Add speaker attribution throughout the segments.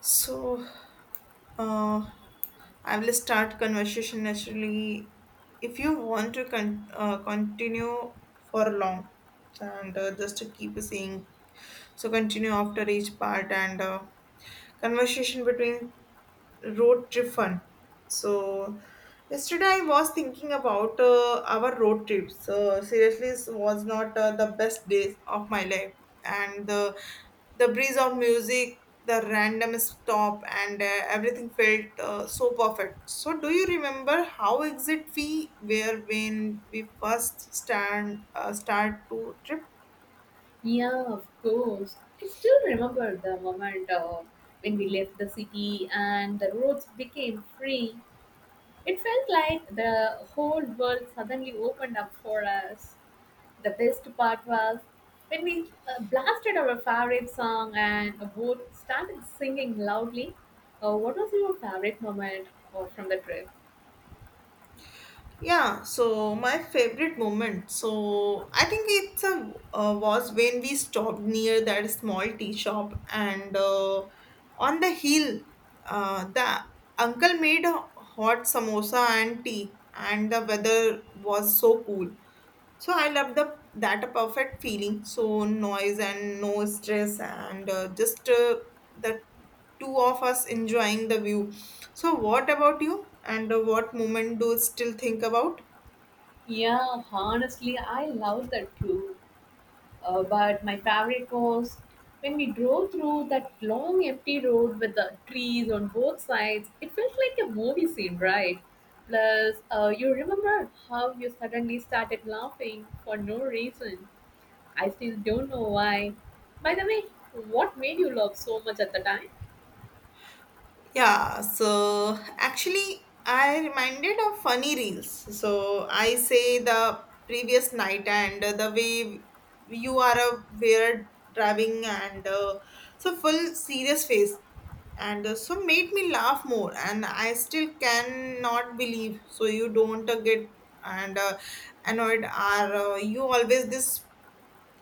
Speaker 1: So, uh, I will start conversation naturally. If you want to continue for long, and just to keep saying, so continue after each part, and conversation between road trip fun. So yesterday I was thinking about our road trips. So seriously, it was not the best days of my life, and the breeze of music, the random stop, and everything felt so perfect. So do you remember how exit we were when we first stand start to trip?
Speaker 2: Yeah, of course. I still remember the moment when we left the city and the roads became free. It felt like the whole world suddenly opened up for us. The best part was when we blasted our favorite song and both started singing loudly. What was your favorite moment from the trip?
Speaker 1: Yeah, so my favorite moment. So I think it's a was when we stopped near that small tea shop, and on the hill, the uncle made a hot samosa and tea, and the weather was so cool. So I love the that perfect feeling. So noise and no stress and just the two of us enjoying the view. So what about you? And What moment do you still think about?
Speaker 2: Yeah, honestly, I love that too. But my favorite was when we drove through that long empty road with the trees on both sides. It felt like a movie scene, right? Plus, you remember how you suddenly started laughing for no reason. I still don't know why. By the way, what made you laugh so much at the time?
Speaker 1: Yeah, so actually, I reminded of funny reels. So I say the previous night and the way you are a weird driving and so full serious face and so made me laugh more and I still cannot believe so you don't get and annoyed are you always this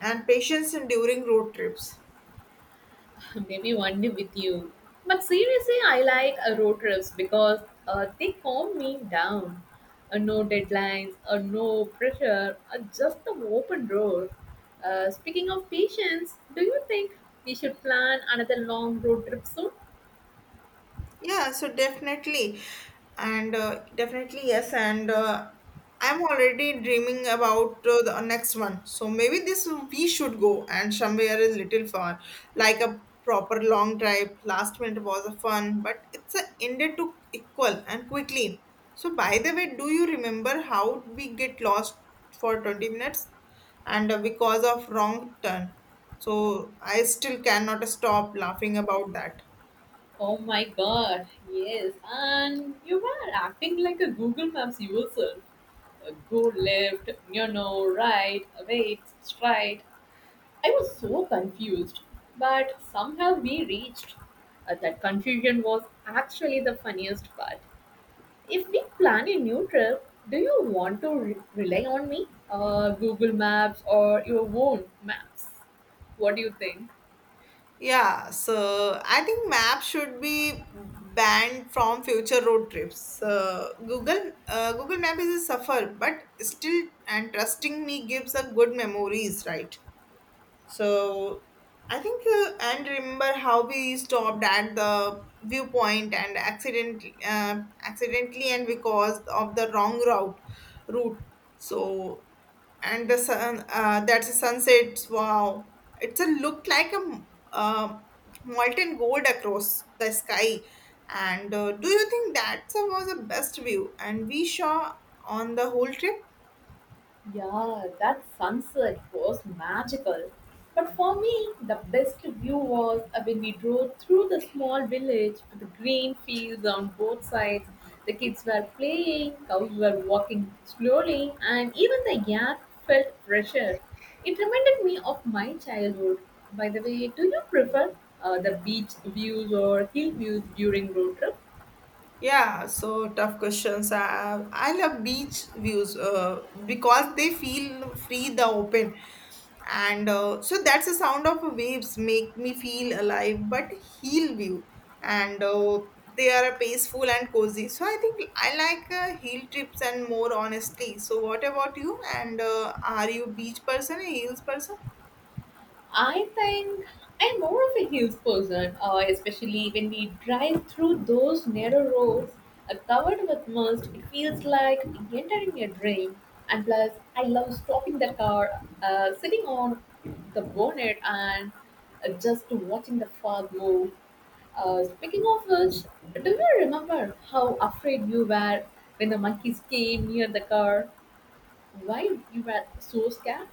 Speaker 1: and patience during road trips.
Speaker 2: Maybe one day with you. But seriously, I like road trips because they calm me down. No deadlines, no pressure, just the open road. Speaking of patience, do you think we should plan another long road trip soon?
Speaker 1: Yeah, so definitely. And Definitely, yes. And I'm already dreaming about the next one. So maybe this we should go and somewhere is little far, like a proper long drive. Last minute was a fun, but it's a ended to equal and quickly. So by the way, do you remember how we get lost for 20 minutes and because of wrong turn? So I still cannot stop laughing about that.
Speaker 2: Oh my god, yes. And you were acting like a Google Maps user. Go left, you know, right, wait, straight. I was so confused, but somehow we reached. That confusion was actually the funniest part. If we plan a new trip, do you want to rely on me, Google Maps, or your own maps? What do you think?
Speaker 1: Yeah, so I think map should be banned from future road trips. Google Map is a suffer, but still and trusting me gives a good memories, right? So I think, and remember how we stopped at the viewpoint and accident, accidentally, and because of the wrong route. So, and the sun, that's a sunset. Wow, it's a look like a uh, molten gold across the sky. And Do you think that was the best view? And we saw on the whole trip.
Speaker 2: Yeah, that sunset was magical. But for me, the best view was when we drove through the small village with the green fields on both sides. The kids were playing, cows were walking slowly, and even the air felt fresher. It reminded me of my childhood. By the way, do you prefer the beach views or hill views during road trips?
Speaker 1: Yeah, so tough questions. I love beach views because they feel free, the open. And So that's the sound of waves make me feel alive, but heal view. And They are peaceful and cozy. So I think I like hill trips and more honestly. So what about you? And Are you beach person, a hills person?
Speaker 2: I think I'm more of a hills person, especially when we drive through those narrow roads covered with mist. It feels like entering a dream. And plus, I love stopping the car, sitting on the bonnet, and just watching the fog move. Speaking of which, do you remember how afraid you were when the monkeys came near the car? Why you were so scared?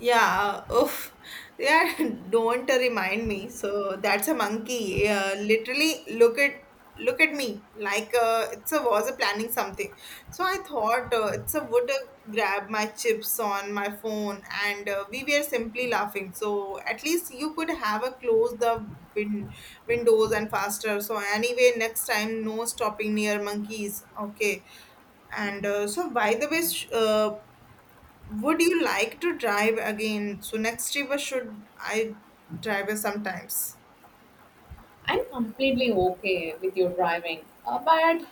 Speaker 1: Yeah, oof. Yeah, don't remind me. So that's a monkey. Literally, look at me like it's a was a planning something. So I thought it's a would grab my chips on my phone, and we were simply laughing. So at least you could have a close the win- windows and faster. So anyway, next time no stopping near monkeys. Okay. And so, by the way, would you like to drive again? So next year should I drive it sometimes?
Speaker 2: I'm completely okay with you driving, but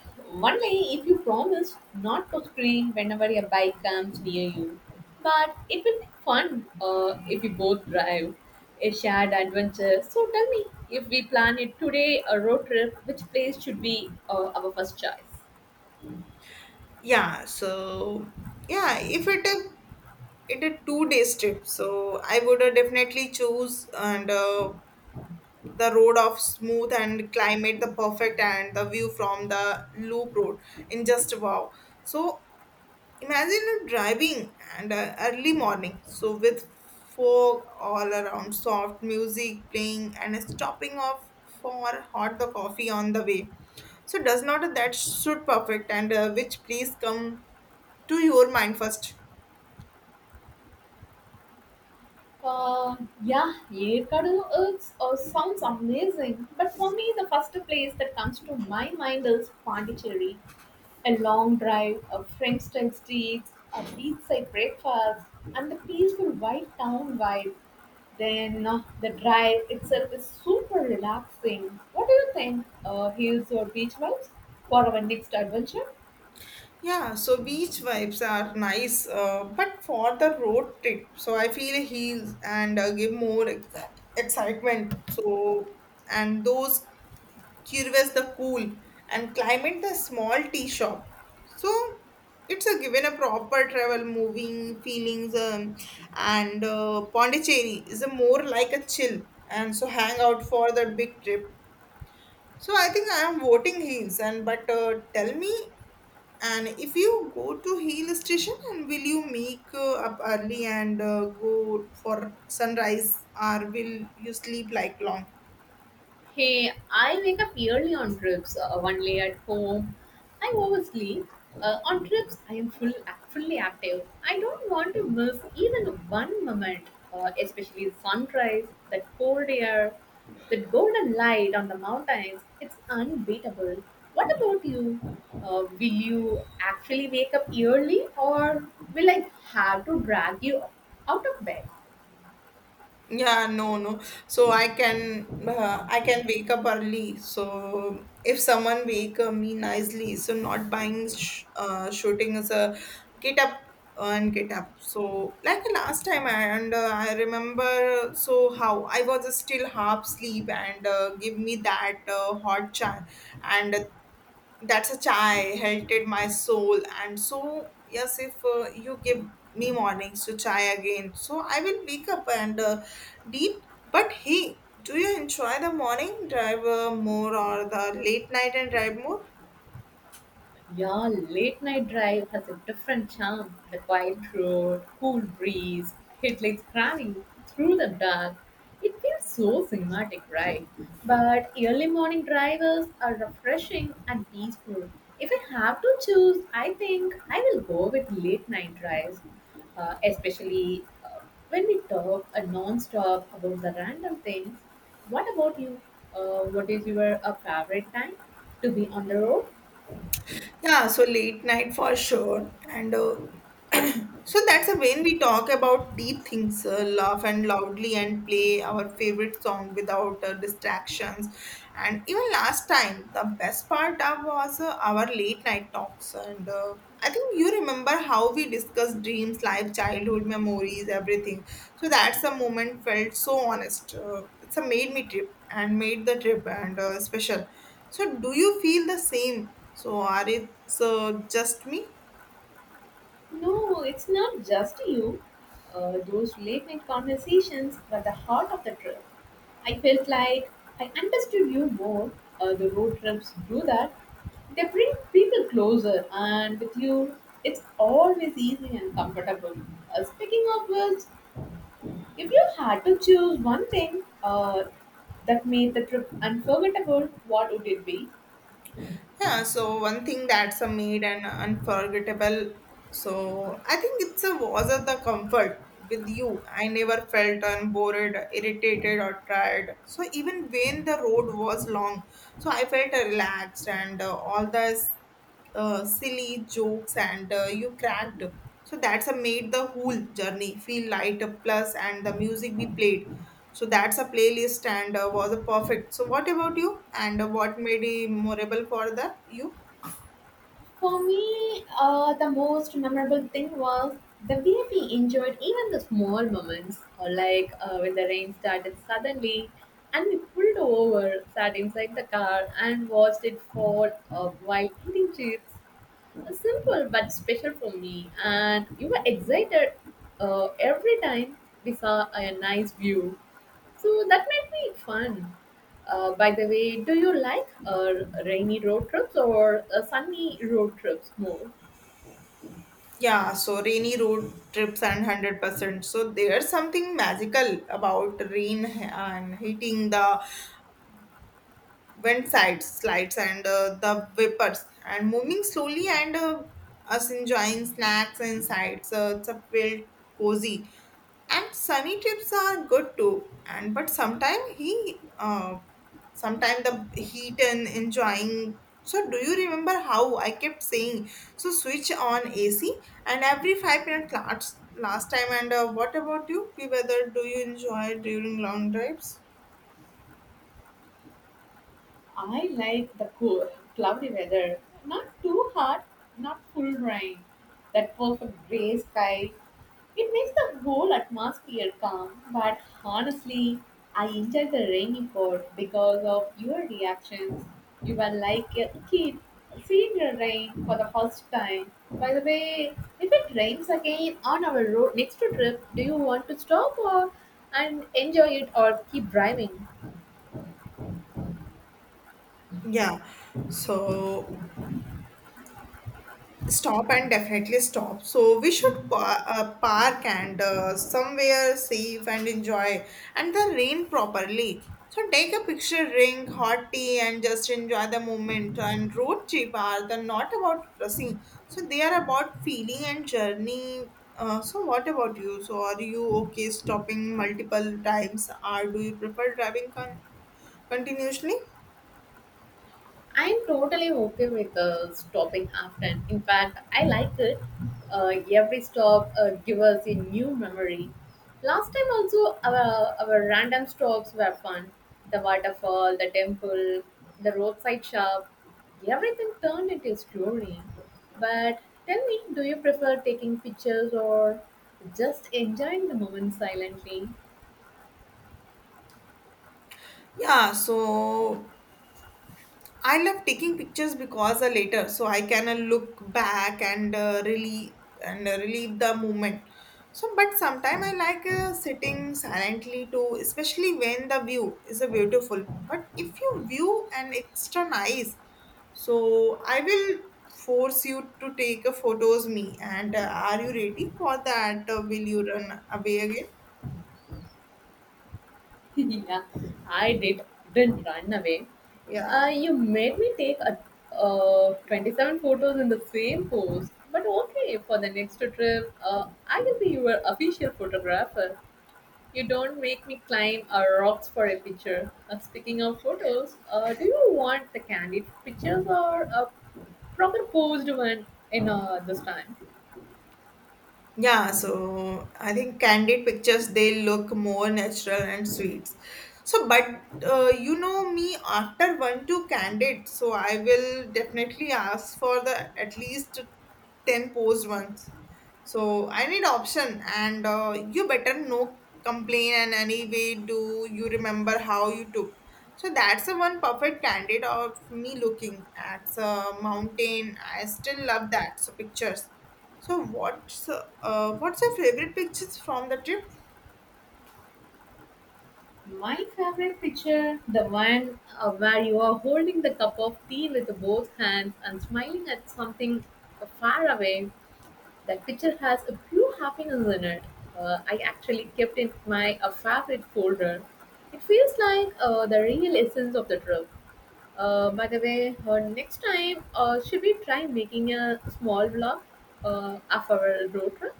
Speaker 2: only if you promise not to scream whenever a bike comes near you. But it will be fun if we both drive a shared adventure. So tell me, if we plan it today, a road trip, which place should be our first choice?
Speaker 1: Yeah, so yeah, if it a 2 days trip, so I would definitely choose and the road of smooth and climate the perfect and the view from the loop road in just wow. So imagine driving and early morning, so with fog all around, soft music playing, and stopping off for hot the coffee on the way. So does not that suit perfect and which please come to your mind first.
Speaker 2: Uh, yeah, Yekadu is, sounds amazing. But for me, the first place that comes to my mind is Pondicherry. A long drive, a French-style streets, a beachside breakfast, and the peaceful white town vibe. Then the drive itself is super relaxing. What do you think, hills or beach vibes for our next adventure?
Speaker 1: Yeah, so beach vibes are nice, but for the road trip, so I feel heels and give more excitement. So and those Curvas the cool, and Climate the small tea shop. So it's a given a proper travel, moving feelings, and Pondicherry is a more like a chill and so hang out for the big trip. So I think I am voting Hills, and but tell me, and if you go to Hill Station, and will you make up early and go for sunrise, or will you sleep like long?
Speaker 2: Hey, I wake up early on trips, one lay at home. I oversleep. On trips, I am fully active. I don't want to miss even one moment, especially sunrise, that cold air, that golden light on the mountains. It's unbeatable. What about you? Will you actually wake up early, or will I have to drag you out of bed?
Speaker 1: Yeah, no, no. So I can wake up early. So if someone wake me nicely, so not buying sh shooting is a get up and get up. So like last time, I remember so how I was still half sleep and give me that hot chai and that's a chai helted my soul and so yes if you give me mornings to chai again so I will wake up and deep but hey do you enjoy the morning drive more or the late night and drive more?
Speaker 2: Yeah, late night drive has a different charm. The quiet road, cool breeze, headlights cramming through the dark. It feels so cinematic, right? But early morning drivers are refreshing and peaceful. If I have to choose, I think I will go with late night drives, especially when we talk non-stop about the random things. What about you? What is your favorite time to be on the road?
Speaker 1: Yeah, so late night for sure. And So that's a when we talk about deep things, laugh and loudly and play our favorite song without distractions. And even last time, the best part of was our late night talks. And I think you remember how we discussed dreams, life, childhood memories, everything. So that's the moment felt so honest. It's a made me trip and made the trip and special. So, do you feel the same? So, are it's just me?
Speaker 2: No, it's not just you. Those late night conversations were the heart of the trip. I felt like I understood you more. The road trips do that. They bring people closer, and with you, it's always easy and comfortable. Speaking of which, if you had to choose one thing that made the trip unforgettable, what would it be?
Speaker 1: Yeah. So, one thing that's a made and unforgettable. So, I think it's a was of the comfort with you. I never felt unbored, irritated, or tired. So, even when the road was long, so I felt relaxed and all the silly jokes and you cracked. So that's a made the whole journey feel lighter plus and the music we played. So that's a playlist and was a perfect. So what about you? And What made it memorable for the you?
Speaker 2: For me, the most memorable thing was the way we enjoyed even the small moments, or like when the rain started suddenly and we pulled over, sat inside the car, and watched it fall while eating chips. Simple but special for me, and you were excited every time we saw a nice view. So that made me fun. By the way, do you like rainy road trips or sunny road trips more?
Speaker 1: Yeah, so rainy road trips and 100%. So there's something magical about rain and hitting the wind sides, slides and the vapors and moving slowly and us enjoying snacks and sides. So it's a felt cozy and sunny trips are good too and but sometimes the heat and enjoying so do you remember how I kept saying so switch on AC and every 5 minutes last time and what about you? Whether do you enjoy during long drives?
Speaker 2: I like the cool, cloudy weather. Not too hot, not full rain. That perfect gray sky. It makes the whole atmosphere calm, but honestly, I enjoy the rainy part because of your reactions. You were like a kid seeing the rain for the first time. By the way, if it rains again on our road next trip, do you want to stop or and enjoy it or keep driving?
Speaker 1: Yeah, so stop and definitely stop. So we should park and somewhere safe and enjoy and the rain properly. So take a picture, drink hot tea, and just enjoy the moment. And road trip are the not about rushing. So they are about feeling and journey. So what about you? So are you okay stopping multiple times, or do you prefer driving continuously?
Speaker 2: I'm totally okay with stopping often. In fact, I like it. Every stop gives us a new memory. Last time also, our random stops were fun. The waterfall, the temple, the roadside shop, everything turned into a story. But tell me, do you prefer taking pictures or just enjoying the moment silently?
Speaker 1: Yeah, so I love taking pictures because later, so I can look back and really and relieve the moment. So, but sometimes I like sitting silently too, especially when the view is beautiful. But if you view an extra nice, so I will force you to take a photos me. And Are you ready for that? Will you run away again?
Speaker 2: Yeah, I didn't run away.
Speaker 1: Yeah.
Speaker 2: You made me take a, 27 photos in the same pose. But okay, for the next trip, I will be your official photographer. You don't make me climb rocks for a picture. Speaking of photos, do you want the candid pictures or a proper posed one in this time?
Speaker 1: Yeah, so I think candid pictures they look more natural and sweet. So, but you know me after one to candid, so I will definitely ask for the at least ten posed ones. So I need option, and you better no complain and anyway do you remember how you took. So that's the one perfect candid of me looking at a mountain. I still love that. So pictures. So what's your favorite pictures from the trip?
Speaker 2: My favorite picture, the one where you are holding the cup of tea with both hands and smiling at something far away. That picture has a few happiness in it. I actually kept in my a favorite folder. It feels like the real essence of the trip. By the way, next time, should we try making a small vlog of our road trip?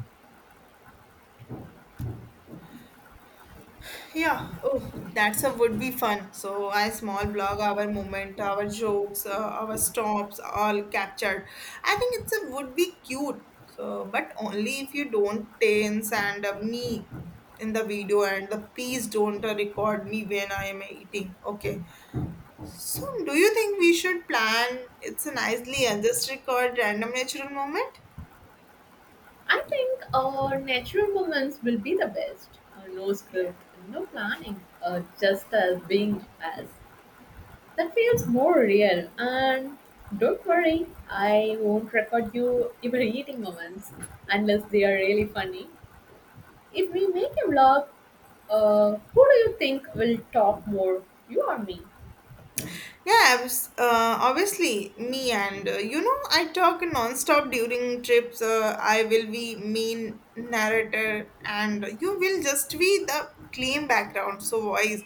Speaker 1: Yeah, oh, that's a would be fun. So I small blog, our moment, our jokes, our stops, all captured. I think it's a would be cute. So, but only if you don't tense and me in the video and the please don't record me when I am eating. Okay. So do you think we should plan? It's a nicely and just record random natural moment.
Speaker 2: I think natural moments will be the best. No script, no planning, just as being as. That feels more real. And don't worry, I won't record you even eating moments unless they are really funny. If we make a vlog, who do you think will talk more, you or me?
Speaker 1: Yeah, obviously, me and you know, I talk non-stop during trips. I will be main narrator, and you will just be the claim background, so voice.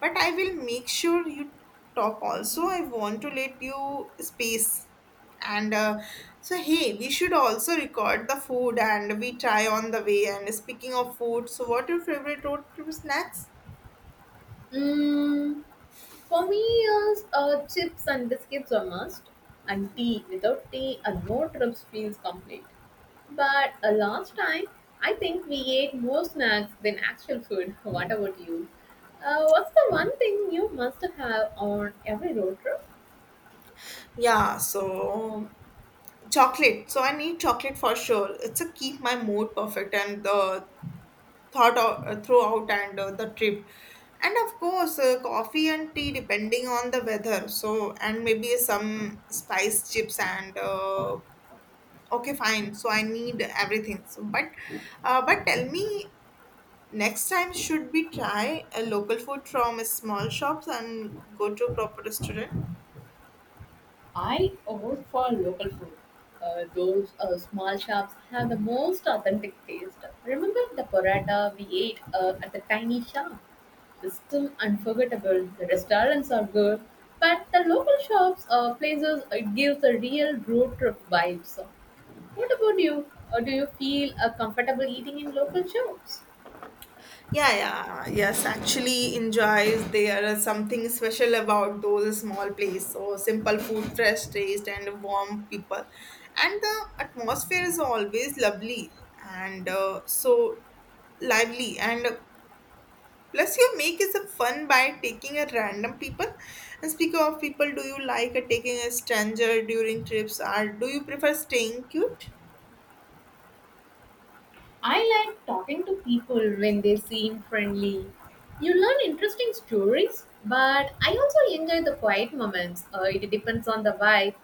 Speaker 1: But I will make sure you talk also. I want to let you space. And so, hey, we should also record the food and we try on the way. And speaking of food, so what your favorite road trip snacks?
Speaker 2: Mm, for me, is chips and biscuits are must, and tea. Without tea, a no trips feels complete. But last time, I think we ate more snacks than actual food. What about you? What's the one thing you must have on every road trip?
Speaker 1: Yeah, so chocolate. So I need chocolate for sure. It's a keep my mood perfect and the thought of, throughout and the trip. And of course, coffee and tea depending on the weather. So and maybe some spice chips and okay, fine. So I need everything. So but tell me, next time should we try a local food from small shops and go to proper restaurant?
Speaker 2: I vote for local food. Those small shops have the most authentic taste. Remember the paratha we ate at the tiny shop? It's still unforgettable. The restaurants are good, but the local shops places it gives a real road trip vibes. What about you? Or do you feel comfortable eating in local shops?
Speaker 1: Yeah, yeah, yes. Actually, enjoys there is something special about those small places. So simple food, fresh taste, and warm people, and the atmosphere is always lovely and so lively. And plus, you make is a fun by taking a random people. And speaking of people, do you like taking a stranger during trips, or do you prefer staying cute?
Speaker 2: I like talking to people when they seem friendly. You learn interesting stories, but I also enjoy the quiet moments. It depends on the vibe.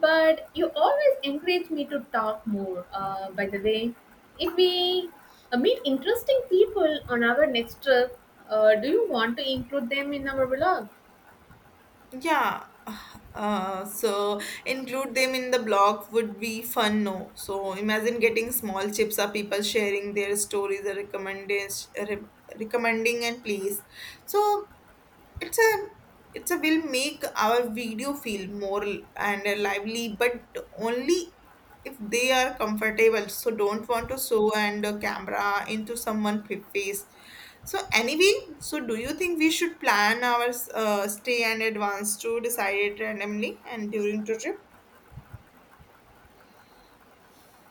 Speaker 2: But you always encourage me to talk more. By the way, if we meet interesting people on our next trip, do you want to include them in our vlog?
Speaker 1: Yeah. So include them in the blog would be fun, no? So imagine getting small chips or people sharing their stories or recommending and please. So it's a it's a will make our video feel more and lively, but only if they are comfortable, so don't want to show and a camera into someone's face. So anyway, so do you think we should plan our stay and advance to decide it randomly and during the trip?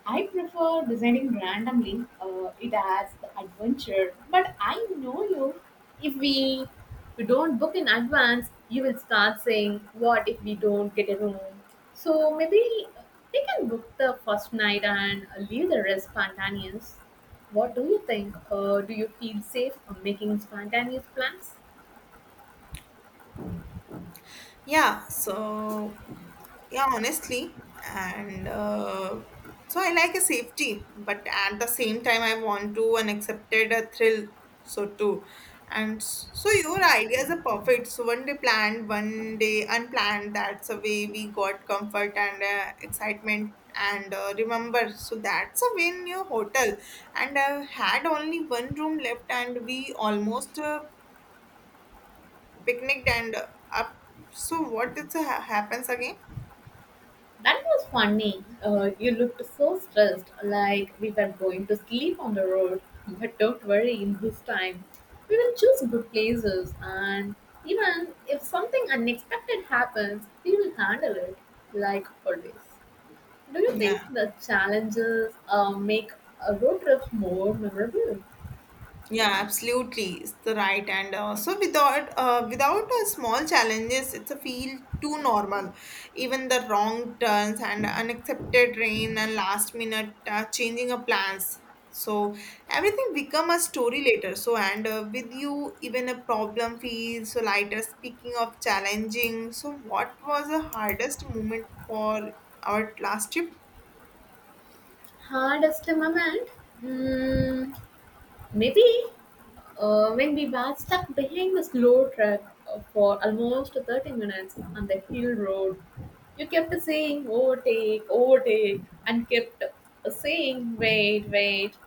Speaker 2: I prefer designing randomly. It adds the adventure. But I know you. If we don't book in advance, you will start saying, "What if we don't get a room?" So maybe we can book the first night and leave the rest spontaneous. What do you think? Do you feel safe making spontaneous plans?
Speaker 1: Yeah, so yeah, honestly, and so I like a safety, but at the same time, I want to and accepted a thrill, so too. So your ideas are perfect. So one day planned, one day unplanned. That's the way we got comfort and excitement. And remember, so that's a win your hotel. And I had only one room left, and we almost picnicked and up. So what did happens again?
Speaker 2: That was funny. You looked so stressed, like we were going to sleep on the road. But don't worry, in this time, we will choose good places, and even if something unexpected happens, we will handle it, like always. Do you think
Speaker 1: Yeah,
Speaker 2: the challenges make a road trip more memorable?
Speaker 1: yeah, absolutely, it's the right. And so without small challenges, it's a feel too normal. Even the wrong turns and unaccepted rain and last minute changing of plans. So everything become a story later. So and with you, even a problem feels so lighter. Speaking of challenging, so what was the hardest moment for our last trip?
Speaker 2: Hardest moment? Hmm, maybe when we were stuck behind the slow truck for almost 30 minutes on the hill road, you kept saying overtake, overtake, and kept saying wait, wait.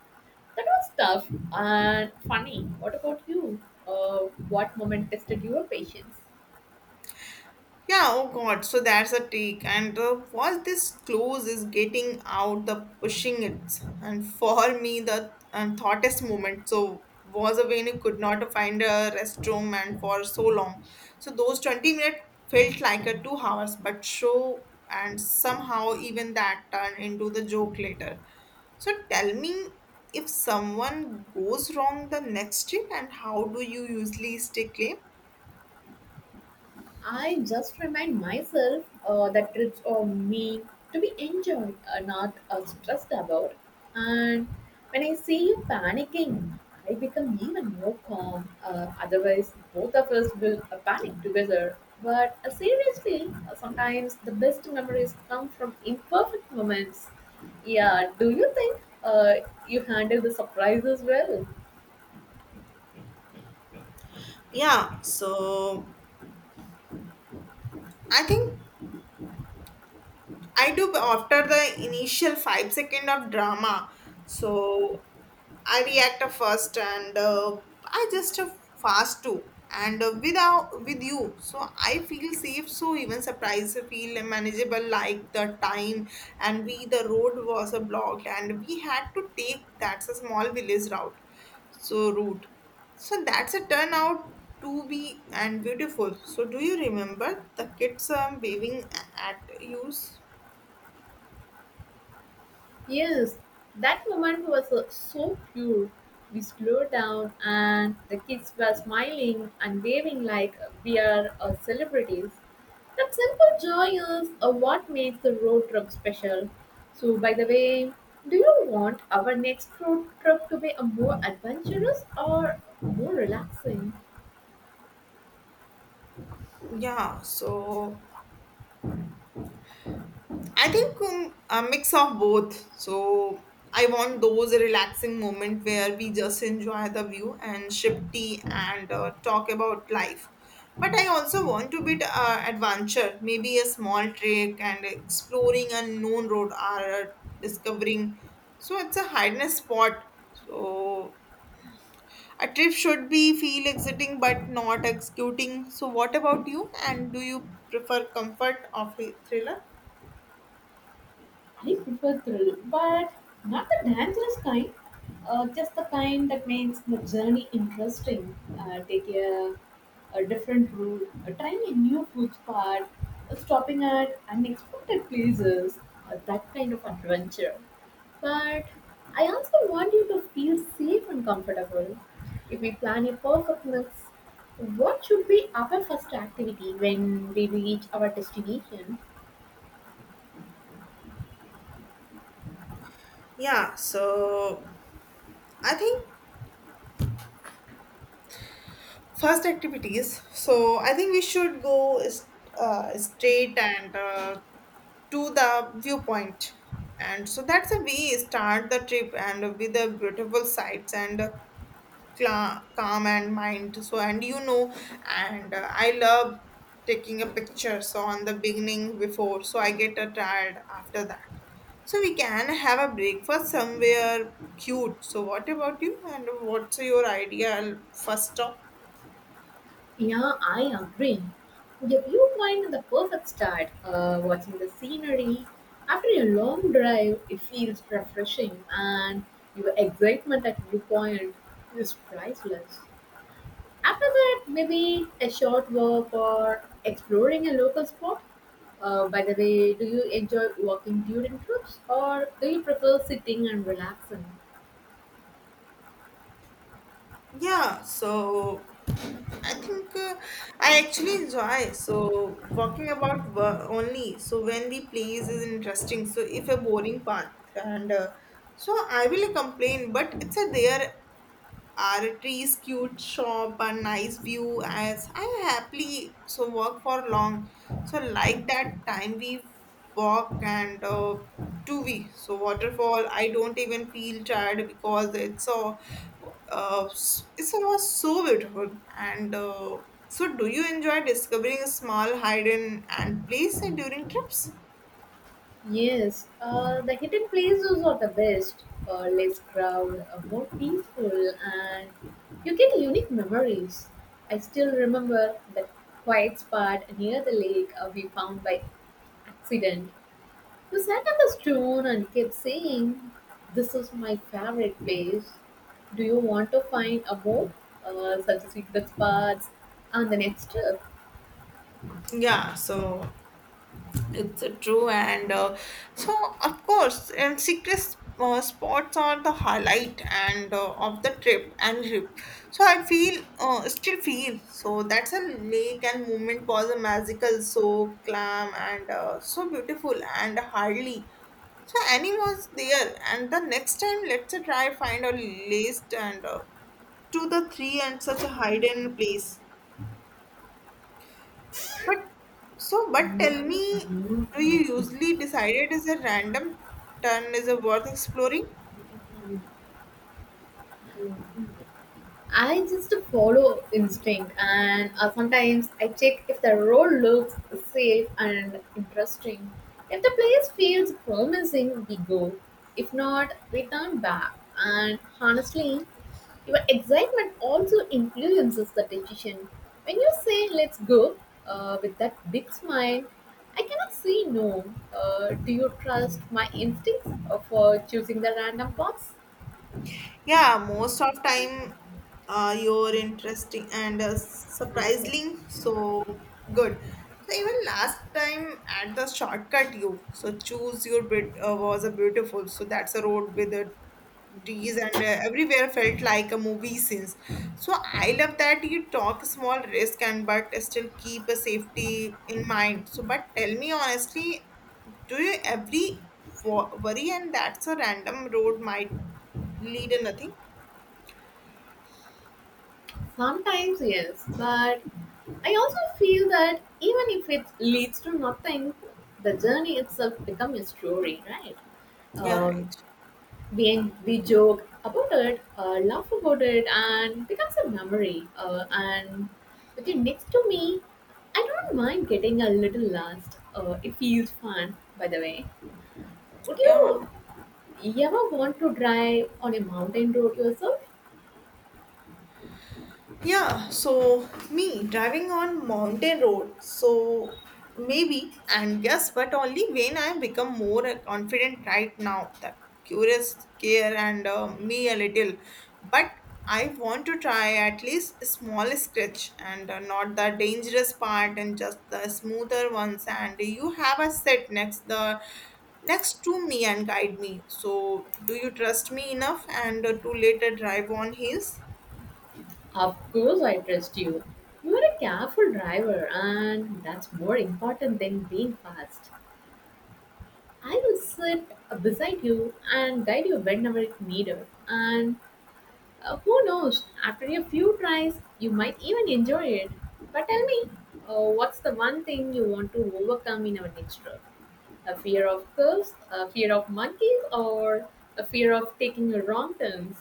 Speaker 2: That was tough and funny. What about you? What moment tested your patience?
Speaker 1: Yeah, oh god, so that's a take. And was this close is getting out the pushing it. And for me, the thoughtest moment. So was a when I could not find a restroom and for so long. So those 20 minutes felt like a 2 hours, but show and somehow even that turned into the joke later. So tell me if someone goes wrong the next trip and how do you usually stay clean?
Speaker 2: I just remind myself that trips are meant to be enjoyed, not stressed about. And when I see you panicking, I become even more calm. Otherwise, both of us will panic together. But seriously, sometimes the best memories come from imperfect moments. Yeah, do you think you handle the surprises well?
Speaker 1: Yeah, so I think I do after the initial 5 second of drama. So I react first and I just fast too. And without with you, so I feel safe. So even surprise feel manageable. Like the time and we the road was a block and we had to take that's a small village route. So route. So that's a turn out to be and beautiful. So do you remember the kids waving at you?
Speaker 2: Yes, that moment was so pure. We slowed down, and the kids were smiling and waving like we are celebrities. That simple joy is what makes the road trip special. So, by the way, do you want our next road trip to be a more adventurous or more relaxing?
Speaker 1: Yeah, so I think a mix of both. So I want those relaxing moment where we just enjoy the view and sip tea and talk about life. But I also want to bit adventure, maybe a small trek and exploring unknown road or uh, discovering. So it's a hidden spot. So a trip should be feel exiting but not executing. So what about you? And do you prefer comfort of a thriller?
Speaker 2: I prefer thrill, but not the dangerous kind. Just the kind that makes the journey interesting. Take a different route, trying a new food spot, stopping at unexpected places. That kind of adventure. But I also want you to feel safe and comfortable. If we plan a perfect mix, what should be our first activity when we reach our destination?
Speaker 1: Yeah, so I think first activities. So I think we should go straight and to the viewpoint. And so that's the way we start the trip and with the beautiful sights and calm and mind, so and you know and I love taking a picture so on the beginning before so I get tired after that, so we can have a breakfast somewhere cute. So what about you, and what's your ideal first stop?
Speaker 2: Yeah, I agree. The viewpoint is the perfect start. Watching the scenery after a long drive, it feels refreshing, and your excitement at viewpoint is priceless. After that, maybe a short walk or exploring a local spot. By the way, do you enjoy walking during trips, or do you prefer sitting and relaxing?
Speaker 1: Yeah, so I think I actually enjoy so walking about only. So when we plays is interesting. So if a boring path and so I will complain, but it's a there our trees, cute shop, a nice view as I happily so work for long. So like that time we walk and two we so waterfall. I don't even feel tired because it was so beautiful and. So, do you enjoy discovering small hidden and place during trips?
Speaker 2: Yes, the hidden places are the best. Less crowd, more peaceful, and you get unique memories. I still remember that quiet spot near the lake we found by accident. We sat on the stone and kept saying, "This is my favorite place. Do you want to find a more? Suggested the spots on the next trip."
Speaker 1: Yeah, so it's true, and so of course, and secret spots are the highlight and of the trip. So I feel, still feel, so that's a lake and movement was a magical, so calm and so beautiful and hardly. So Annie was there, and the next time let's try find a list and to the three and such a hidden place. But so, but tell me, do you usually decide it is a random turn is a worth exploring?
Speaker 2: I just follow instinct, and sometimes I check if the road looks safe and interesting. If the place feels promising, we go. If not, we turn back. And honestly, your excitement also influences the decision. When you say "let's go" with that big smile, I cannot say no. Do you trust my instincts for choosing the random box?
Speaker 1: Yeah, most of time, you're interesting and surprising. So good. So even last time at the shortcut, you so choose your bit was a beautiful. So that's a road with a trees and everywhere felt like a movie scenes. So I love that you talk small risk and but still keep a safety in mind. So but tell me honestly, do you every worry and that's a random road might lead to nothing.
Speaker 2: Sometimes, yes, but I also feel that even if it leads to nothing, the journey itself becomes a story, right?
Speaker 1: Yeah,
Speaker 2: Um,
Speaker 1: right.
Speaker 2: we joke about it, laugh about it, and becomes a memory. And with you next to me, I don't mind getting a little lost. It feels fun, by the way. Would
Speaker 1: Yeah.
Speaker 2: you ever want to drive on a mountain road yourself?
Speaker 1: Yeah, so me driving on mountain road. So maybe and yes, but only when I become more confident right now. The curious care and me a little, but I want to try at least a small scratch and not the dangerous part and just the smoother ones. And you have a set next to me and guide me. So do you trust me enough and to later drive on his?
Speaker 2: Of course, I trust you. You are a careful driver, and that's more important than being fast. I will sit beside you and guide you whenever it's needed. And who knows, after a few tries, you might even enjoy it. But tell me, what's the one thing you want to overcome in our next trip? A fear of curves, a fear of monkeys, or a fear of taking a wrong turn?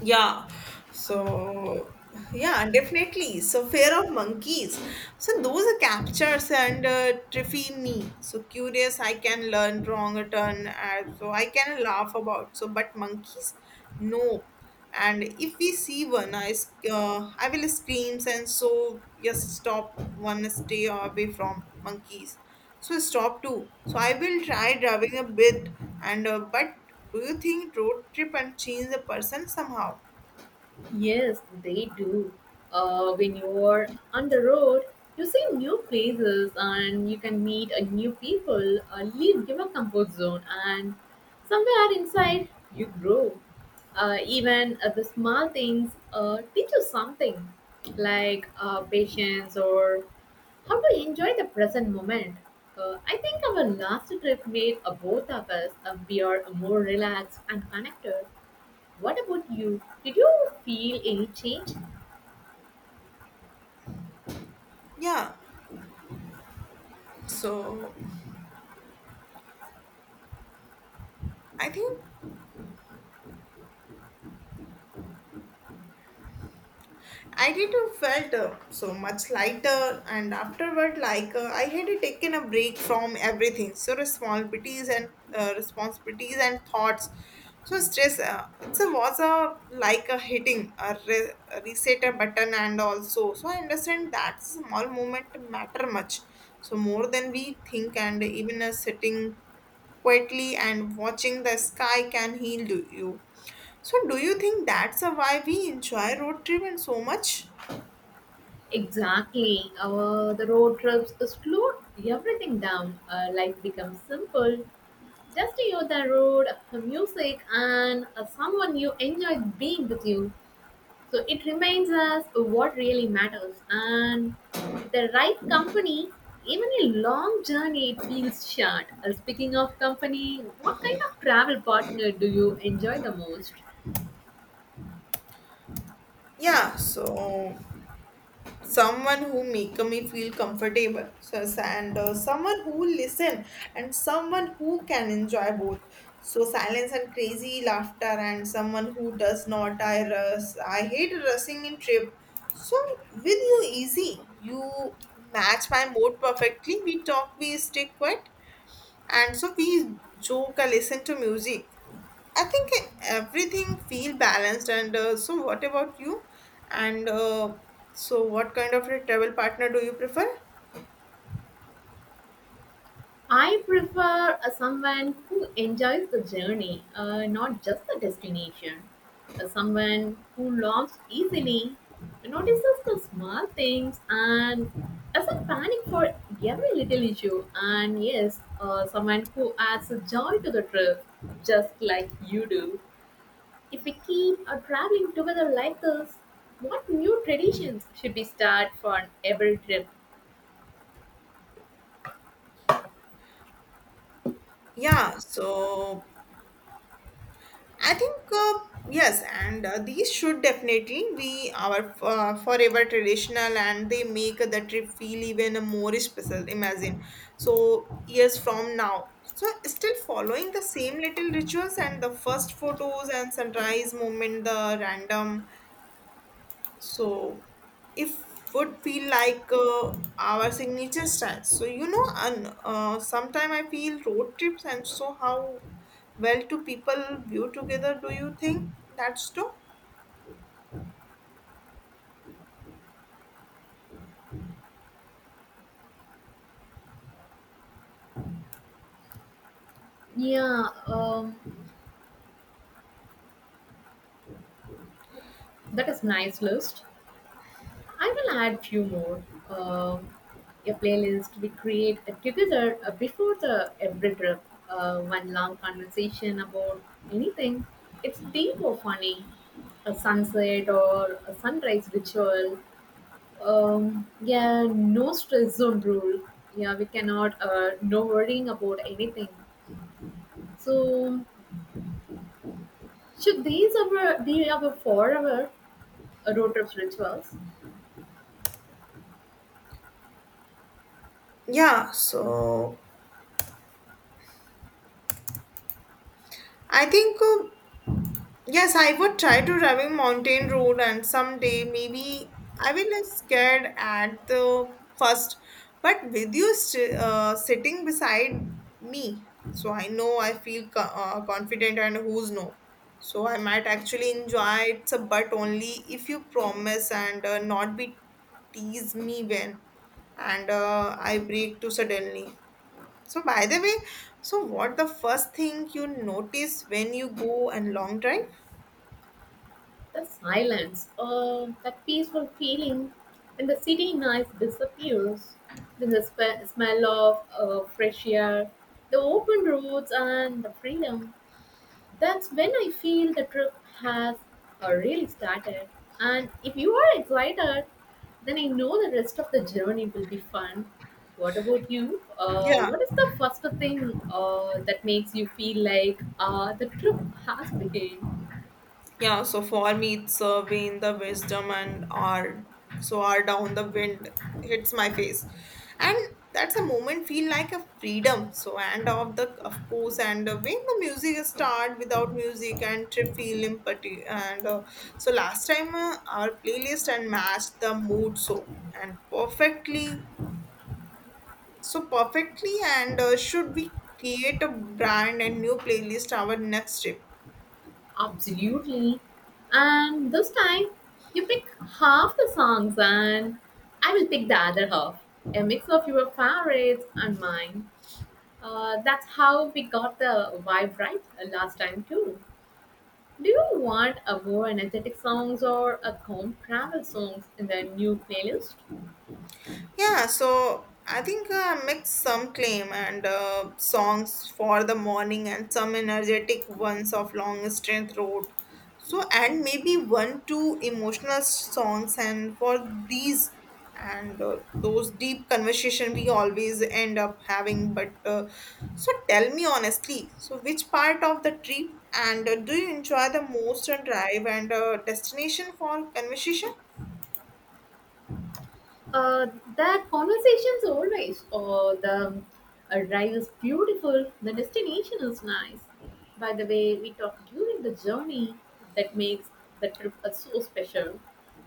Speaker 1: Yeah. So, yeah, definitely. So, fear of monkeys. So, those are captures and terrify me. So, curious, I can learn wrong a turn. So, I can laugh about. So, but monkeys, no. And if we see one, I will screams and so just stop one stay away from monkeys. So stop too. So I will try driving a bit, and but do you think road trip and change the person somehow?
Speaker 2: Yes, they do. When you're on the road, you see new places and you can meet a new people, leave your comfort zone, and somewhere inside you grow. Even the small things teach you something like patience or how to enjoy the present moment. I think our last trip made both of us we are more relaxed and connected. What about you? Did you feel any change?
Speaker 1: Yeah. So I think I did felt so much lighter, and afterward, like I had taken a break from everything. So responsibilities and thoughts. So stress. It's a was a like a hitting a reset a button, and also so I understand that small moment matter much. So more than we think, and even a sitting quietly and watching the sky can heal you. So, do you think that's a why we enjoy road trip tripping so much?
Speaker 2: Exactly. The road trips slowed everything down. Life becomes simple. Just you the road, the music, and someone you enjoy being with you. So it reminds us what really matters. And with the right company, even a long journey it feels short. Speaking of company, what kind of travel partner do you enjoy the most?
Speaker 1: Yeah, so someone who make me feel comfortable, so, and someone who listen, and someone who can enjoy both. So silence and crazy laughter, and someone who does not. I rush. I hate rushing in trip. So with you easy, you match my mood perfectly. We talk, we stay quiet, and so we joke and listen to music. I think everything feel balanced. And so, what about you? And so, what kind of a travel partner do you prefer?
Speaker 2: I prefer someone who enjoys the journey, not just the destination. Someone who laughs easily, notices the small things, and doesn't panic for every little issue. And yes, someone who adds a joy to the trip, just like you do. If we keep traveling together like this, what new traditions should we start for every trip?
Speaker 1: Yeah. So I think yes, and these should definitely be our forever traditional, and they make the trip feel even more special. Imagine, so years from now, so still following the same little rituals and the first photos and sunrise moment, the random so if would feel like our signature style. So and sometime I feel road trips and so how well do people view together? Do you think that's true?
Speaker 2: Yeah, that is nice list. I will add few more. Um a playlist we create together before the every trip. One long conversation about anything. It's deep or funny. A sunset or a sunrise ritual. Yeah, no stress zone rule. Yeah, we cannot. No worrying about anything. So should these our be our forever road trip rituals?
Speaker 1: Yeah. So I think. Yes, I would try to driving mountain road and someday maybe I will be scared at the first, but with you sitting beside me, so I know I feel confident and who's no. So I might actually enjoy it, but only if you promise and not be tease me when and I break too suddenly. So by the way, so what the first thing you notice when you go and long drive?
Speaker 2: The silence, that peaceful feeling when the city night disappears, then the smell of fresh air, the open roads, and the freedom. That's when I feel the trip has really started. And if you are excited, then I know the rest of the journey will be fun. What about you?
Speaker 1: Yeah,
Speaker 2: What is the first thing that makes you feel like the trip has begun?
Speaker 1: yeah. So fall meets wane the wisdom and R. So R down the wind hits my face, and that's a moment feel like a freedom. So and of course and when the music start without music and trip feel empty and so last time our playlist and matched the mood so and perfectly and should we create a brand and new playlist our next trip?
Speaker 2: Absolutely. And this time, you pick half the songs, and I will pick the other half. A mix of your favorites and mine. That's how we got the vibe right last time too. Do you want a more energetic songs or a calm travel songs in the new playlist?
Speaker 1: Yeah, so I think mix some claim and songs for the morning and some energetic ones of long strength road. So and maybe one two emotional songs and for these and those deep conversation we always end up having. But so tell me honestly, so which part of the trip and do you enjoy the most and drive and destination for conversation?
Speaker 2: Uh, that conversation's always, oh, the arrive is beautiful, the destination is nice. By the way, we talk during the journey that makes the trip so special.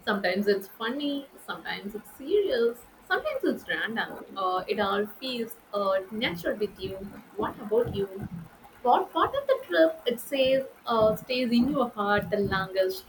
Speaker 2: Sometimes it's funny, sometimes it's serious, sometimes it's random. It all feels natural with you. What about you? What part of the trip it says stays in your heart the longest?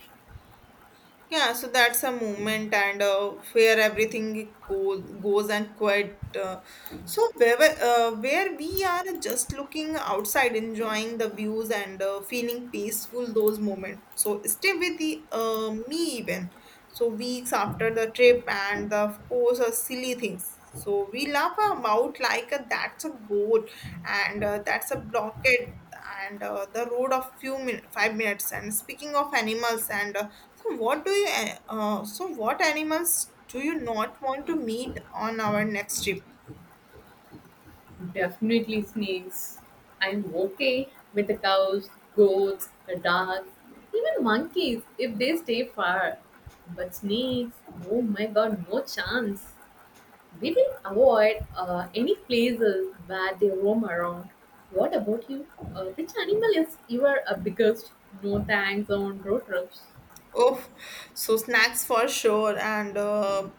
Speaker 1: Yeah, so that's a movement and where everything goes and quiet. So where we are just looking outside, enjoying the views and feeling peaceful those moments. So stay with me even. So weeks after the trip, and of course, silly things. So we laugh our mouth like that's a goal, and that's a blockade, and the road of few 5 minutes. And speaking of animals, and so what do you? So what animals do you not want to meet on our next trip?
Speaker 2: Definitely snakes. I'm okay with the cows, goats, the dogs, even monkeys if they stay far. But snakes, oh my god, no chance. We will avoid any places where they roam around. What about you? Which animal is your biggest no thanks on road trips?
Speaker 1: Oh, so snacks for sure, and uh,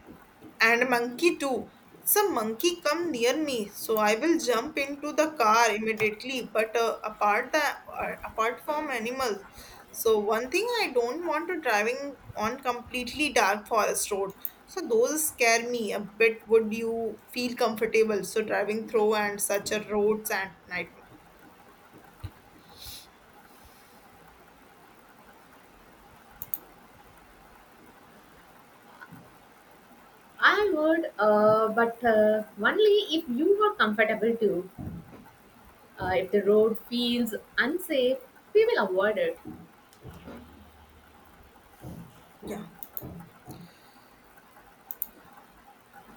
Speaker 1: and monkey too. Some monkey come near me, so I will jump into the car immediately. But apart from animals, so one thing I don't want to driving on completely dark forest road. So those scare me a bit. Would you feel comfortable? So driving through and such a roads and night.
Speaker 2: I would, but only if you are comfortable too. If the road feels unsafe, we will avoid it.
Speaker 1: Yeah.